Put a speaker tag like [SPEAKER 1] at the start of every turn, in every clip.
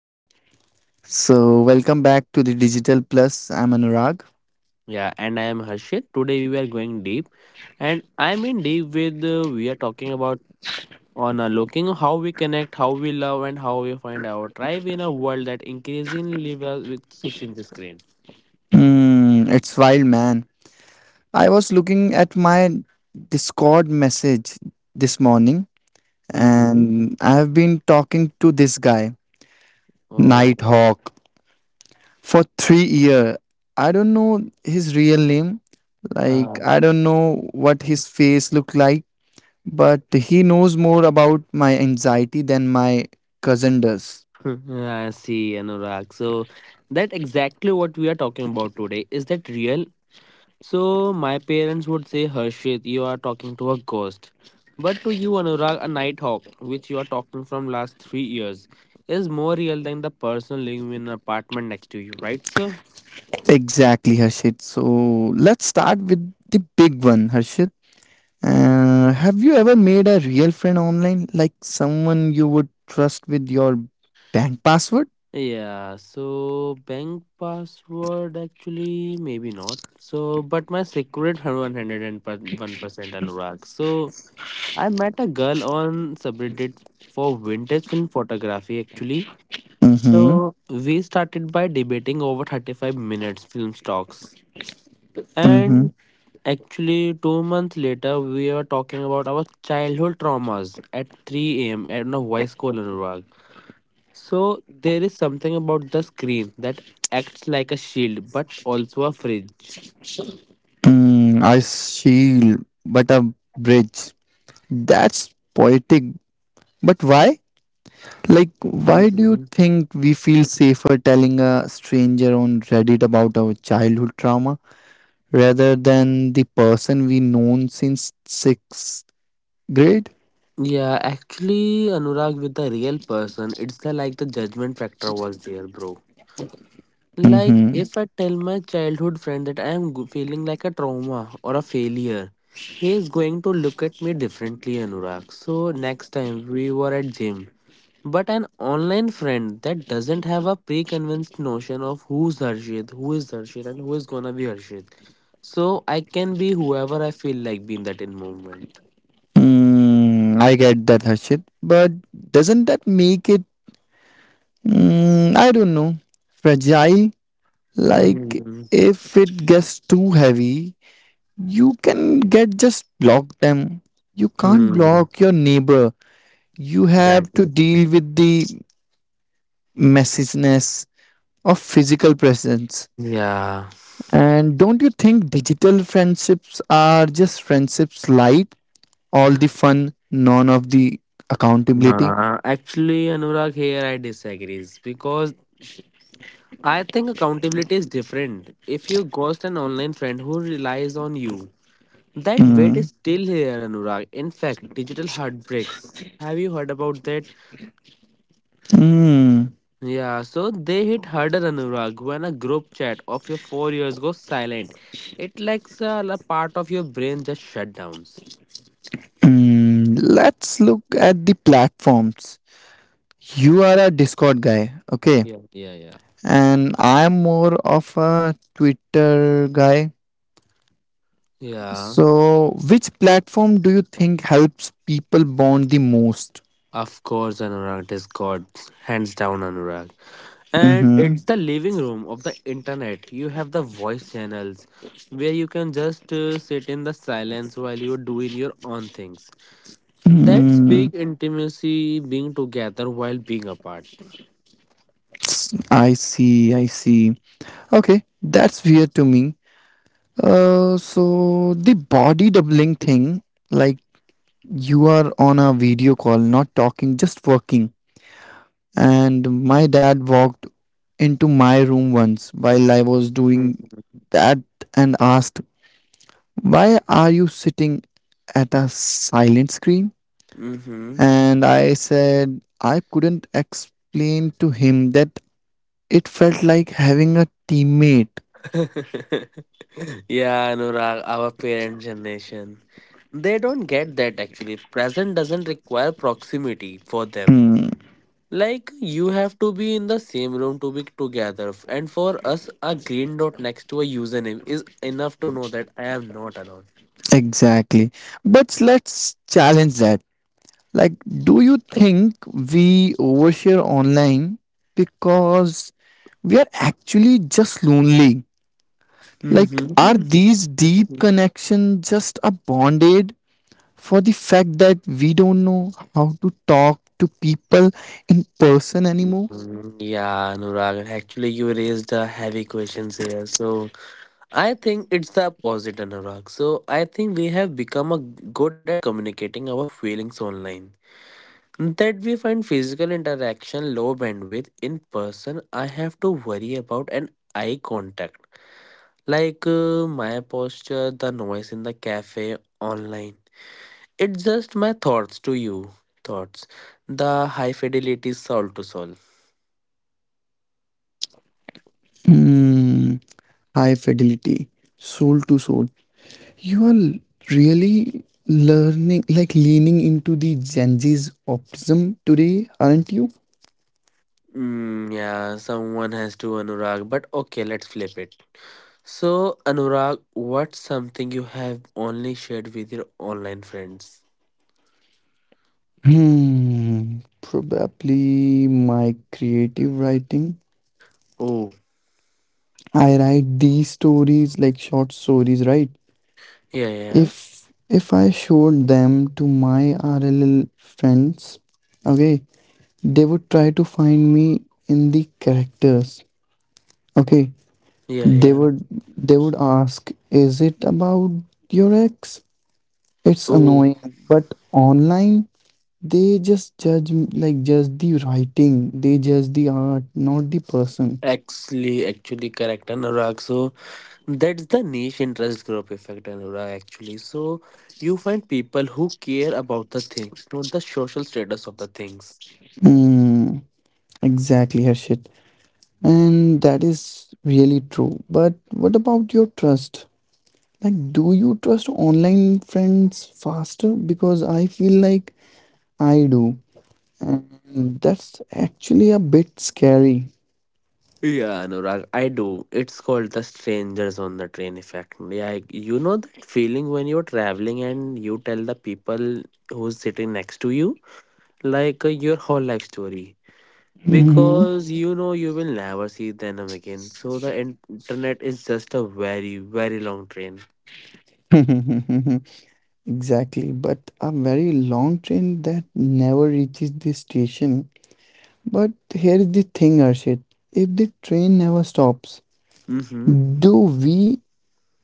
[SPEAKER 1] Okay, so welcome back to the Digital Plus. I'm Anurag.
[SPEAKER 2] Yeah, and I am Harshit. Today we are going deep, and I mean deep with we are talking about on looking how we connect, how we love, and how we find our tribe in a world that increasingly lives us with six-inch screen.
[SPEAKER 1] Mm, it's wild, man. I was looking at my Discord message this morning,
[SPEAKER 2] Mm-hmm.
[SPEAKER 1] and I've been talking to this guy,
[SPEAKER 2] Oh,
[SPEAKER 1] Nighthawk, for 3 years. I don't know his real name. Like,
[SPEAKER 2] uh,
[SPEAKER 1] I don't know what his face looked like, but he knows more about my anxiety than my cousin does.
[SPEAKER 2] I see, Anurag. So that exactly what we are talking about today. Is that real? So my parents would say, Harshit, you are talking to a ghost. But to you, Anurag, a nighthawk, which you are talking from last 3 years, is more real than the person living in an apartment next to you, right, sir?
[SPEAKER 1] Exactly, Harshit. So let's start with the big one, Harshit. Have you ever made a real friend online, like someone you would trust with your bank password?
[SPEAKER 2] Yeah, so bank password actually maybe not. So, but my secret 101% Anurag. So, I met a girl on subreddit for vintage film photography actually.
[SPEAKER 1] Mm-hmm.
[SPEAKER 2] So we started by debating over 35 minutes film stocks.
[SPEAKER 1] Mm-hmm.
[SPEAKER 2] And actually, 2 months later, we were talking about our childhood traumas at 3 a.m. at a voice call Anurag. So there is something about the screen that acts like a shield but also a fridge.
[SPEAKER 1] Mm, I shield, but a bridge. That's poetic. But why? Like, why do you
[SPEAKER 2] Mhm.
[SPEAKER 1] think we feel safer telling a stranger on Reddit about our childhood trauma rather than the person we known since sixth Great.
[SPEAKER 2] Yeah, actually, Anurag, with the real person, it's like the judgment factor was there, bro. Like,
[SPEAKER 1] Mm-hmm.
[SPEAKER 2] if I tell my childhood friend that feeling like a trauma or a failure, he is going to look at me differently, Anurag. So, next time we were at gym. But an online friend that doesn't have a pre-convinced notion of who is Harshit, and who is gonna be Harshit. So, I can be whoever I feel like being that in moment.
[SPEAKER 1] Mm, I get that, Harshit. But doesn't that make it, I don't know, fragile? Like,
[SPEAKER 2] Hmm.
[SPEAKER 1] if it gets too heavy, you can get just block them. You can't
[SPEAKER 2] Hmm.
[SPEAKER 1] block your neighbor. You have
[SPEAKER 2] Exactly.
[SPEAKER 1] to deal with the messiness of physical presence.
[SPEAKER 2] Yeah.
[SPEAKER 1] And don't you think digital friendships are just friendships light? All the fun, none of the accountability?
[SPEAKER 2] Actually, Anurag, here I disagrees because I think accountability is different. If you ghost an online friend who relies on you, that weight is
[SPEAKER 1] Mm,
[SPEAKER 2] still here, Anurag. In fact, digital heartbreaks. Have you heard about that?
[SPEAKER 1] mm,
[SPEAKER 2] Yeah, so they hit harder, Anurag, when a group chat of your 4 years goes silent. It like a part of your brain just shut downs.
[SPEAKER 1] mm. Let's look at the platforms. You are a Discord guy, okay?
[SPEAKER 2] Yeah, yeah, yeah.
[SPEAKER 1] And I'm more of a Twitter guy.
[SPEAKER 2] Yeah,
[SPEAKER 1] So, which platform do you think helps people bond the most?
[SPEAKER 2] of course, Anurag, Discord. Hands down, Anurag. And
[SPEAKER 1] Mm-hmm.
[SPEAKER 2] it's the living room of the internet. You have the voice channels where you can just sit in the silence while you're doing your own things. That's
[SPEAKER 1] Mm,
[SPEAKER 2] big intimacy, being together while being apart.
[SPEAKER 1] I see, I see. Okay, that's weird to me. So the body doubling thing, like you are on a video call, not talking, just working. And my dad walked into my room once while I was doing
[SPEAKER 2] Mm-hmm.
[SPEAKER 1] that and asked, "Why are you sitting at a silent screen?"
[SPEAKER 2] Mm-hmm.
[SPEAKER 1] And I said, I couldn't explain to him that it felt like having a teammate.
[SPEAKER 2] Yeah, Anurag, our parent generation, they don't get that. Actually present doesn't require proximity for them.
[SPEAKER 1] Hmm,
[SPEAKER 2] Like you have to be in the same room to be together. And for us, a green dot next to a username is enough to know that I am not alone.
[SPEAKER 1] exactly. But let's challenge that. Like, do you think we overshare online because we are actually just lonely? Like, are
[SPEAKER 2] Mm-hmm.
[SPEAKER 1] these deep connections just a bondage for the fact that we don't know how to talk to people in person anymore?
[SPEAKER 2] Yeah, Anurag. Actually, you raised a heavy questions here. So I think it's the opposite, Anurag. So I think we have become a good at communicating our feelings online. That we find physical interaction low bandwidth. In person, I have to worry about an eye contact. Like my posture, the noise in the cafe. Online, it's just my thoughts to you. Thoughts. The high fidelity soul to soul.
[SPEAKER 1] Hmm. High fidelity, soul to soul. You are really learning, like leaning into the Gen Z's optimism today, aren't you?
[SPEAKER 2] Yeah, someone has to, Anurag. But okay, let's flip it. So, Anurag, what's something you have only shared with your online friends?
[SPEAKER 1] Hmm. Probably my creative writing.
[SPEAKER 2] Oh,
[SPEAKER 1] I write these stories, like short stories, right?
[SPEAKER 2] yeah, yeah,
[SPEAKER 1] If I showed them to my RLL friends, okay, they would try to find me in the characters. Okay,
[SPEAKER 2] yeah,
[SPEAKER 1] they
[SPEAKER 2] yeah.
[SPEAKER 1] would they would ask, is it about your ex? It's
[SPEAKER 2] Oh,
[SPEAKER 1] annoying, but online they just judge, like just the writing, they judge the art, not the person.
[SPEAKER 2] actually, correct, Anurag. So, that's the niche interest group effect, Anura, actually. So you find people who care about the things, not the social status of the things.
[SPEAKER 1] Mm, exactly, Harshit. And that is really true. But what about your trust? Like, do you trust online friends faster? Because I feel like I do. And that's actually a bit scary.
[SPEAKER 2] Yeah, Anurag, I do. It's called the strangers on the train effect. Yeah, you know that feeling when you're traveling and you tell the people who's sitting next to you, like your whole life story.
[SPEAKER 1] Mhm.
[SPEAKER 2] Because you know you will never see them again. So internet is just a very, very long train.
[SPEAKER 1] Exactly. But a very long train that never reaches the station. But here's the thing, Arshit. If the train never stops,
[SPEAKER 2] Mm-hmm.
[SPEAKER 1] do we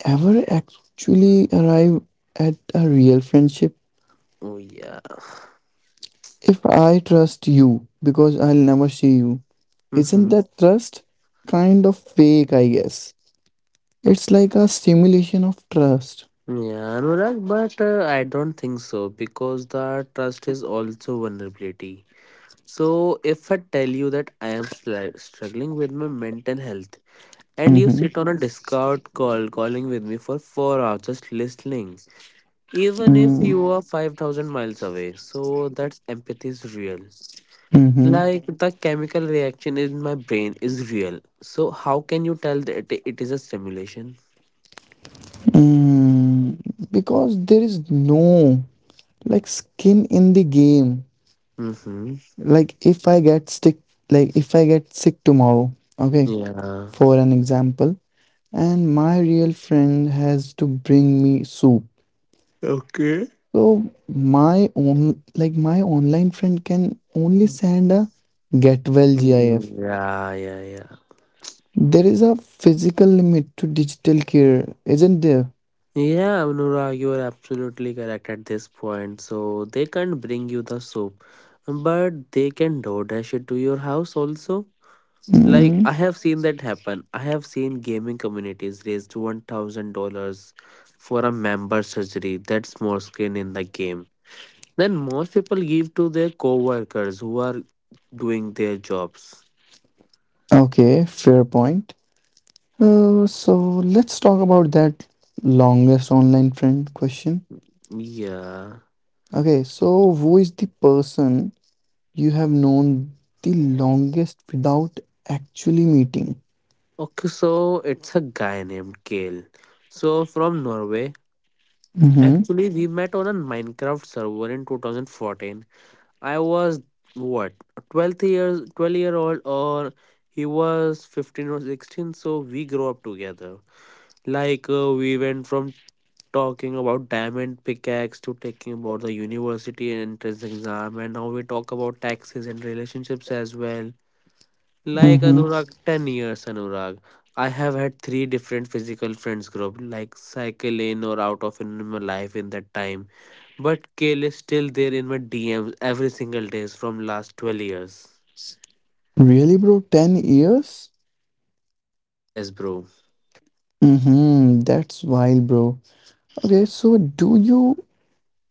[SPEAKER 1] ever actually arrive at a real friendship?
[SPEAKER 2] Oh, yeah.
[SPEAKER 1] If I trust you because I'll never see you, isn't
[SPEAKER 2] Mm-hmm.
[SPEAKER 1] that trust kind of fake, I guess? It's like a simulation of trust.
[SPEAKER 2] Yeah, Anurag, but I don't think so because the trust is also vulnerability. So if I tell you that struggling with my mental health and you
[SPEAKER 1] Mm-hmm.
[SPEAKER 2] sit on a Discord call calling with me for 4 hours just listening, even if
[SPEAKER 1] Mm-hmm.
[SPEAKER 2] you are 5,000 miles away, so that's empathy is real. Like the chemical reaction in my brain is real. So how can you tell that it is a simulation?
[SPEAKER 1] Mm. Because there is no, like, skin in the game.
[SPEAKER 2] Mm-hmm.
[SPEAKER 1] Like if I get sick, if I get sick tomorrow, okay,
[SPEAKER 2] Yeah.
[SPEAKER 1] for an example, and my real friend has to bring me soup.
[SPEAKER 2] Okay.
[SPEAKER 1] So my own like my online friend can only send a get well GIF.
[SPEAKER 2] Yeah, yeah, yeah.
[SPEAKER 1] There is a physical limit to digital care, isn't there?
[SPEAKER 2] Yeah, Anura, you are absolutely correct at this point. So they can't bring you the soup, but they can DoorDash it to your house also.
[SPEAKER 1] Mm,
[SPEAKER 2] Like I have seen that happen. I have seen gaming communities raise to $1,000 for a member surgery. That's more skin in the game Then most people give to their co-workers who are doing their jobs.
[SPEAKER 1] okay, fair point. So let's talk about that longest online friend question.
[SPEAKER 2] Yeah.
[SPEAKER 1] Okay, so who is the person you have known the longest without actually meeting?
[SPEAKER 2] Okay, so it's a guy named Kale. So from Norway.
[SPEAKER 1] Mm-hmm.
[SPEAKER 2] Actually, we met on a Minecraft server in 2014. I was what, 12 years, 12-year old, or he was 15 or 16, so we grew up together. Like we went from talking about diamond pickaxe to talking about the university and entrance exam, and now we talk about taxes and relationships as well. Like
[SPEAKER 1] Mm-hmm.
[SPEAKER 2] Anurag, 10 years, Anurag. I have had three different physical friends group, like cycle in or out of in my life in that time. But Kale is still there in my DMs every single days from last 12 years.
[SPEAKER 1] Really, bro? 10 years?
[SPEAKER 2] Yes, bro.
[SPEAKER 1] Mm-hmm. That's wild, bro. Okay, so do you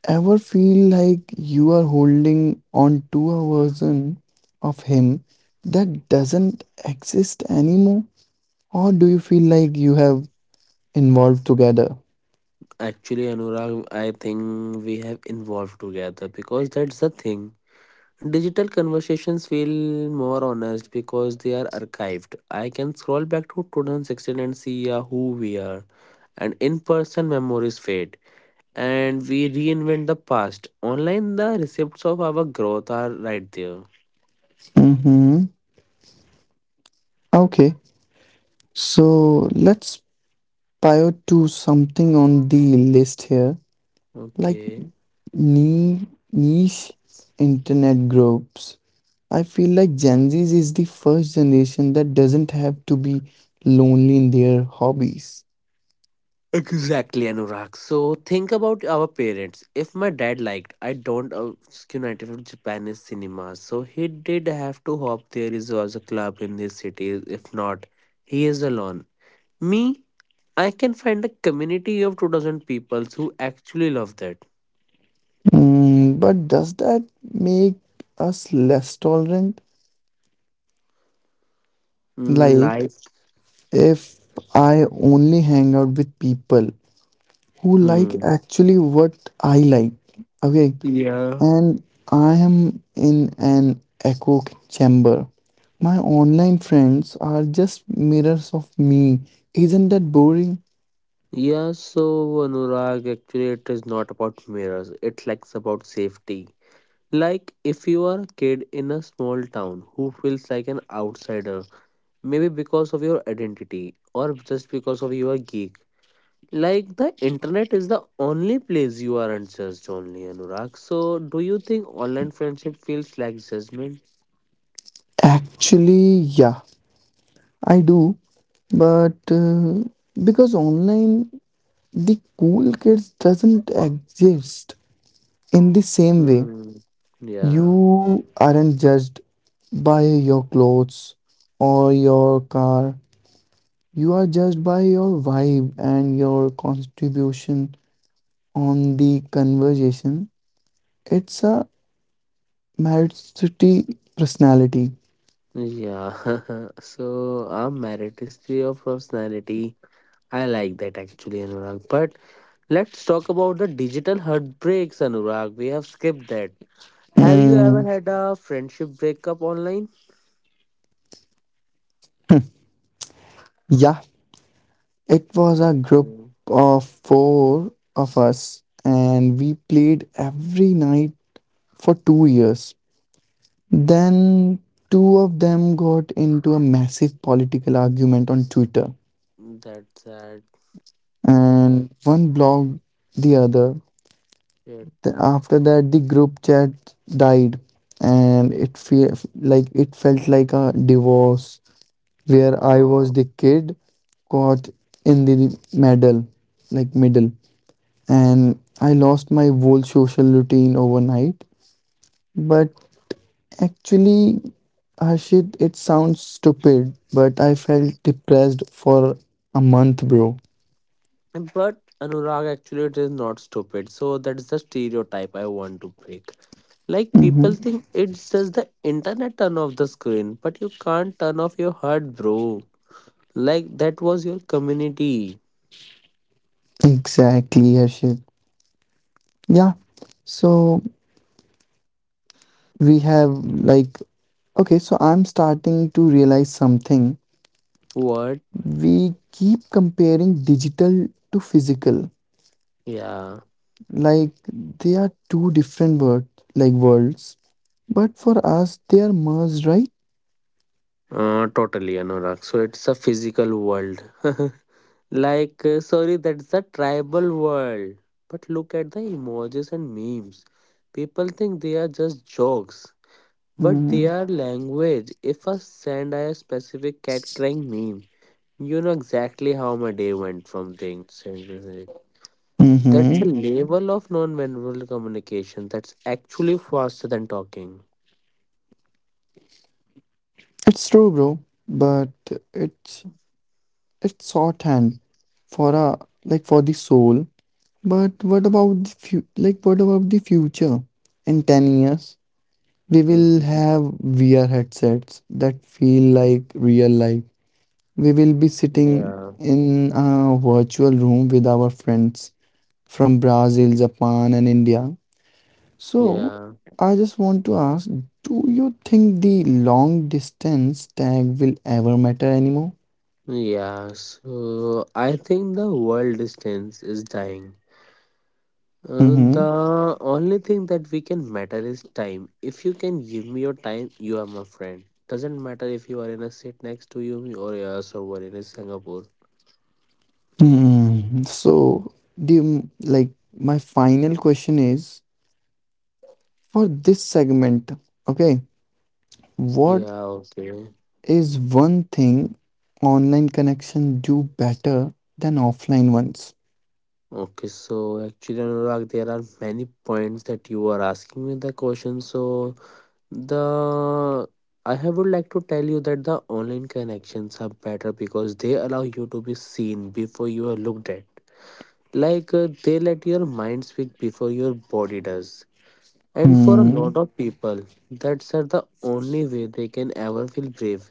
[SPEAKER 1] ever feel like you are holding on to a version of him that doesn't exist anymore? Or do you feel like you have evolved together?
[SPEAKER 2] Actually, Anurag, I think we have involved together because that's the thing. Digital conversations feel more honest because they are archived. I can scroll back to 2016 and see who we are, and in person memories fade. And we reinvent the past. Online, the receipts of our growth are right there.
[SPEAKER 1] Mm-hmm. Okay, so let's pivot to something on the list here, like
[SPEAKER 2] Okay.
[SPEAKER 1] Need niche internet groups. I feel like Gen Zs is the first generation that doesn't have to be lonely in their hobbies.
[SPEAKER 2] Exactly, Anurag. So think about our parents. If my dad liked, I don't united from Japanese cinema, so he did have to hope there is also a club in this city. If not, he is alone. Me, I can find a community of 2,000 people who actually love that.
[SPEAKER 1] Mm, but does that make us less tolerant?
[SPEAKER 2] Mm,
[SPEAKER 1] Like,
[SPEAKER 2] like,
[SPEAKER 1] if I only hang out with people who like
[SPEAKER 2] hmm.
[SPEAKER 1] actually what I like. Okay,
[SPEAKER 2] Yeah.
[SPEAKER 1] and I am in an echo chamber. My online friends are just mirrors of me. Isn't that boring?
[SPEAKER 2] Yeah, so Anurag, actually, it is not about mirrors. It's like about safety. Like if you are a kid in a small town who feels like an outsider, maybe because of your identity or just because of your geek. Like the internet is the only place you aren't judged only, Anurag. So do you think online friendship feels like judgment?
[SPEAKER 1] Actually, yeah, I do. But Because online, the cool kids doesn't exist in the same way.
[SPEAKER 2] Hmm. Yeah.
[SPEAKER 1] You aren't judged by your clothes or your car. You are judged by your vibe and your contribution on the conversation. It's a meritocracy personality.
[SPEAKER 2] Yeah. So our meritocracy of personality, I like that actually, Anurag. But let's talk about the digital heartbreaks, Anurag. We have skipped that. Have you
[SPEAKER 1] Mm,
[SPEAKER 2] ever had a friendship breakup online?
[SPEAKER 1] yeah, it was a group
[SPEAKER 2] Okay,
[SPEAKER 1] of four of us, and we played every night for 2 years. Then two of them got into a massive political argument on Twitter,
[SPEAKER 2] that's sad.
[SPEAKER 1] and one blocked the other.
[SPEAKER 2] Shit.
[SPEAKER 1] After that the group chat died, and it felt like a divorce where I was
[SPEAKER 2] Oh.
[SPEAKER 1] the kid caught in the middle, like middle and I lost my whole social routine overnight. But actually, Harshit, it sounds stupid, but I felt depressed for a month, bro.
[SPEAKER 2] But Anurag, actually, it is not stupid. So that's the stereotype I want to break. Like
[SPEAKER 1] Hmm,
[SPEAKER 2] people think it's just the internet, turn off the screen, but you can't turn off your heart, bro. Like that was your community.
[SPEAKER 1] exactly, Harshit. Yeah. So we have, like, okay, so I'm starting to realize something.
[SPEAKER 2] What?
[SPEAKER 1] We keep comparing digital to physical,
[SPEAKER 2] Yeah.
[SPEAKER 1] like they are two different words like worlds, but for us they are merged, right?
[SPEAKER 2] Totally, Anurag. So it's a physical world. Like, sorry, that's a tribal world. But look at the emojis and memes. People think they are just jokes, but they are language. If I send a specific cat crying meme, you know exactly how my day went from being sent this way.
[SPEAKER 1] Mm-hmm.
[SPEAKER 2] That's a Mhm level of non-verbal communication that's actually faster than talking.
[SPEAKER 1] It's true, bro. But it's it's shorthand for a, like, for the soul. But what about the fu- like What about the future? In 10 years we will
[SPEAKER 2] Mhm.
[SPEAKER 1] have VR headsets that feel like real life. We will be sitting
[SPEAKER 2] Yeah,
[SPEAKER 1] in a virtual room with our friends from Brazil, Japan, and India. So,
[SPEAKER 2] yeah.
[SPEAKER 1] I just want to ask, do you think the long distance tag will ever matter anymore?
[SPEAKER 2] Yeah, so I think the world distance is dying. Uh,
[SPEAKER 1] Mm-hmm.
[SPEAKER 2] the only thing that we can matter is time. If you can give me your time, you are my friend. Doesn't matter if you are in a seat next to you or somewhere in Singapore.
[SPEAKER 1] Hmm. So the like My final question is for this segment, okay, what
[SPEAKER 2] Yeah, okay.
[SPEAKER 1] is one thing online connection do better than offline ones.
[SPEAKER 2] Okay, so actually, Anurag, there are many points that you are asking me the question. So the I have would like to tell you that the online connections are better because they allow you to be seen before you are looked at. Like they let your mind speak before your body does. And for a
[SPEAKER 1] Hmm.
[SPEAKER 2] lot of people, that's the only way they can ever feel brave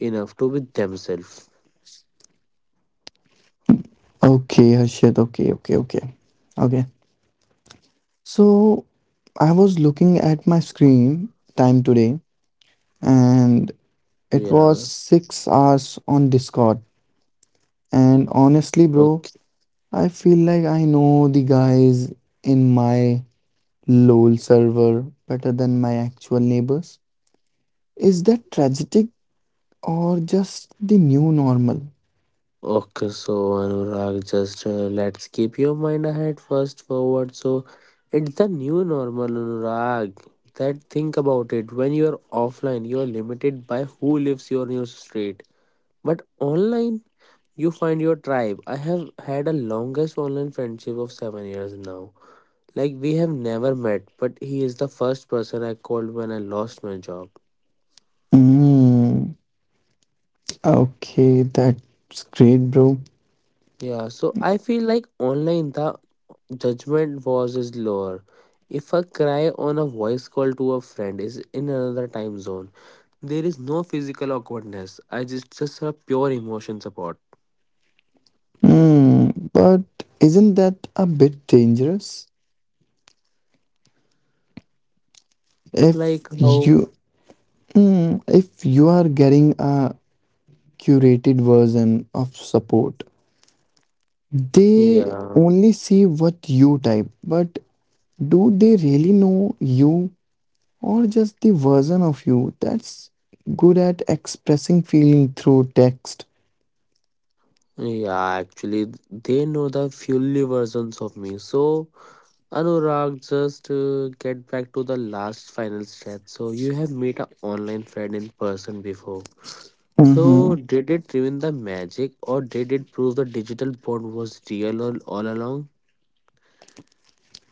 [SPEAKER 2] enough to be themselves.
[SPEAKER 1] Okay, Harshit. Okay, okay, okay. Okay. So I was looking at my screen time today,
[SPEAKER 2] Yeah.
[SPEAKER 1] and it was 6 hours on Discord. And
[SPEAKER 2] Okay.
[SPEAKER 1] honestly, bro, I feel like I know the guys in my LOL server better than my actual neighbors. Is that tragic or just the new normal?
[SPEAKER 2] Okay, so Anurag, just let's keep your mind ahead first forward. So it's the new normal, Anurag. That think about it. When you are offline, you are limited by who lives your street. But online, you find your tribe. I have had a longest online friendship of 7 years now. Like we have never met, but he is the first person I called when I lost my job.
[SPEAKER 1] Mm, okay, that's great, bro.
[SPEAKER 2] Yeah, so I feel like online the judgment was is lower. If a cry on a voice call to a friend is in another time zone, there is no physical awkwardness. I just a pure emotion support.
[SPEAKER 1] Mm, but isn't that a bit dangerous? If
[SPEAKER 2] Like how
[SPEAKER 1] you, if you are getting a curated version of support, they
[SPEAKER 2] yeah.
[SPEAKER 1] only see what you type, but do they really know you, or just the version of you that's good at expressing feeling through text?
[SPEAKER 2] Yeah, actually they know the fully versions of me. So Anurag, just get back to the last final stretch. So you have met an online friend in person before.
[SPEAKER 1] Mhm.
[SPEAKER 2] So, did it ruin the magic or did it prove the digital bond was real all along?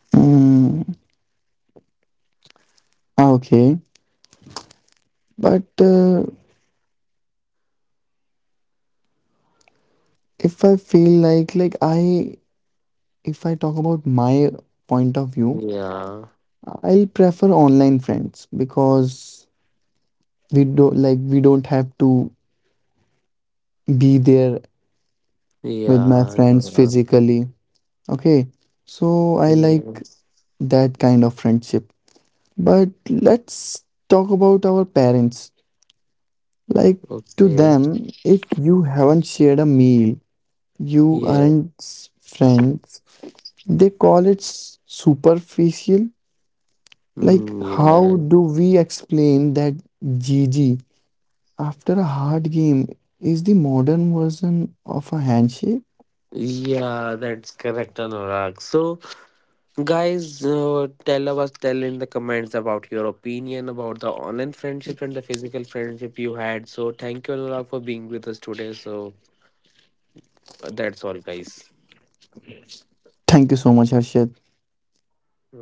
[SPEAKER 1] Mm, okay. But If I feel like I if I talk about my point of view,
[SPEAKER 2] Yeah,
[SPEAKER 1] I'll prefer online friends because we do like we don't have to be there with my
[SPEAKER 2] yeah,
[SPEAKER 1] friends
[SPEAKER 2] yeah,
[SPEAKER 1] physically. Okay. So I like
[SPEAKER 2] yes,
[SPEAKER 1] that kind of friendship. But let's talk about our parents. Like, to
[SPEAKER 2] okay,
[SPEAKER 1] them, if you haven't shared a meal, you
[SPEAKER 2] yeah,
[SPEAKER 1] aren't friends, they call it superficial. Like,
[SPEAKER 2] mm,
[SPEAKER 1] how
[SPEAKER 2] yeah,
[SPEAKER 1] do we explain that G G after a hard game is the modern version of a handshake?
[SPEAKER 2] yeah, that's correct, Anurag. So, guys, tell us, tell in the comments about your opinion about the online friendship and the physical friendship you had. So, thank you, Anurag, for being with us today. So, that's all, guys.
[SPEAKER 1] Thank you so much, Harshad.
[SPEAKER 2] Mm.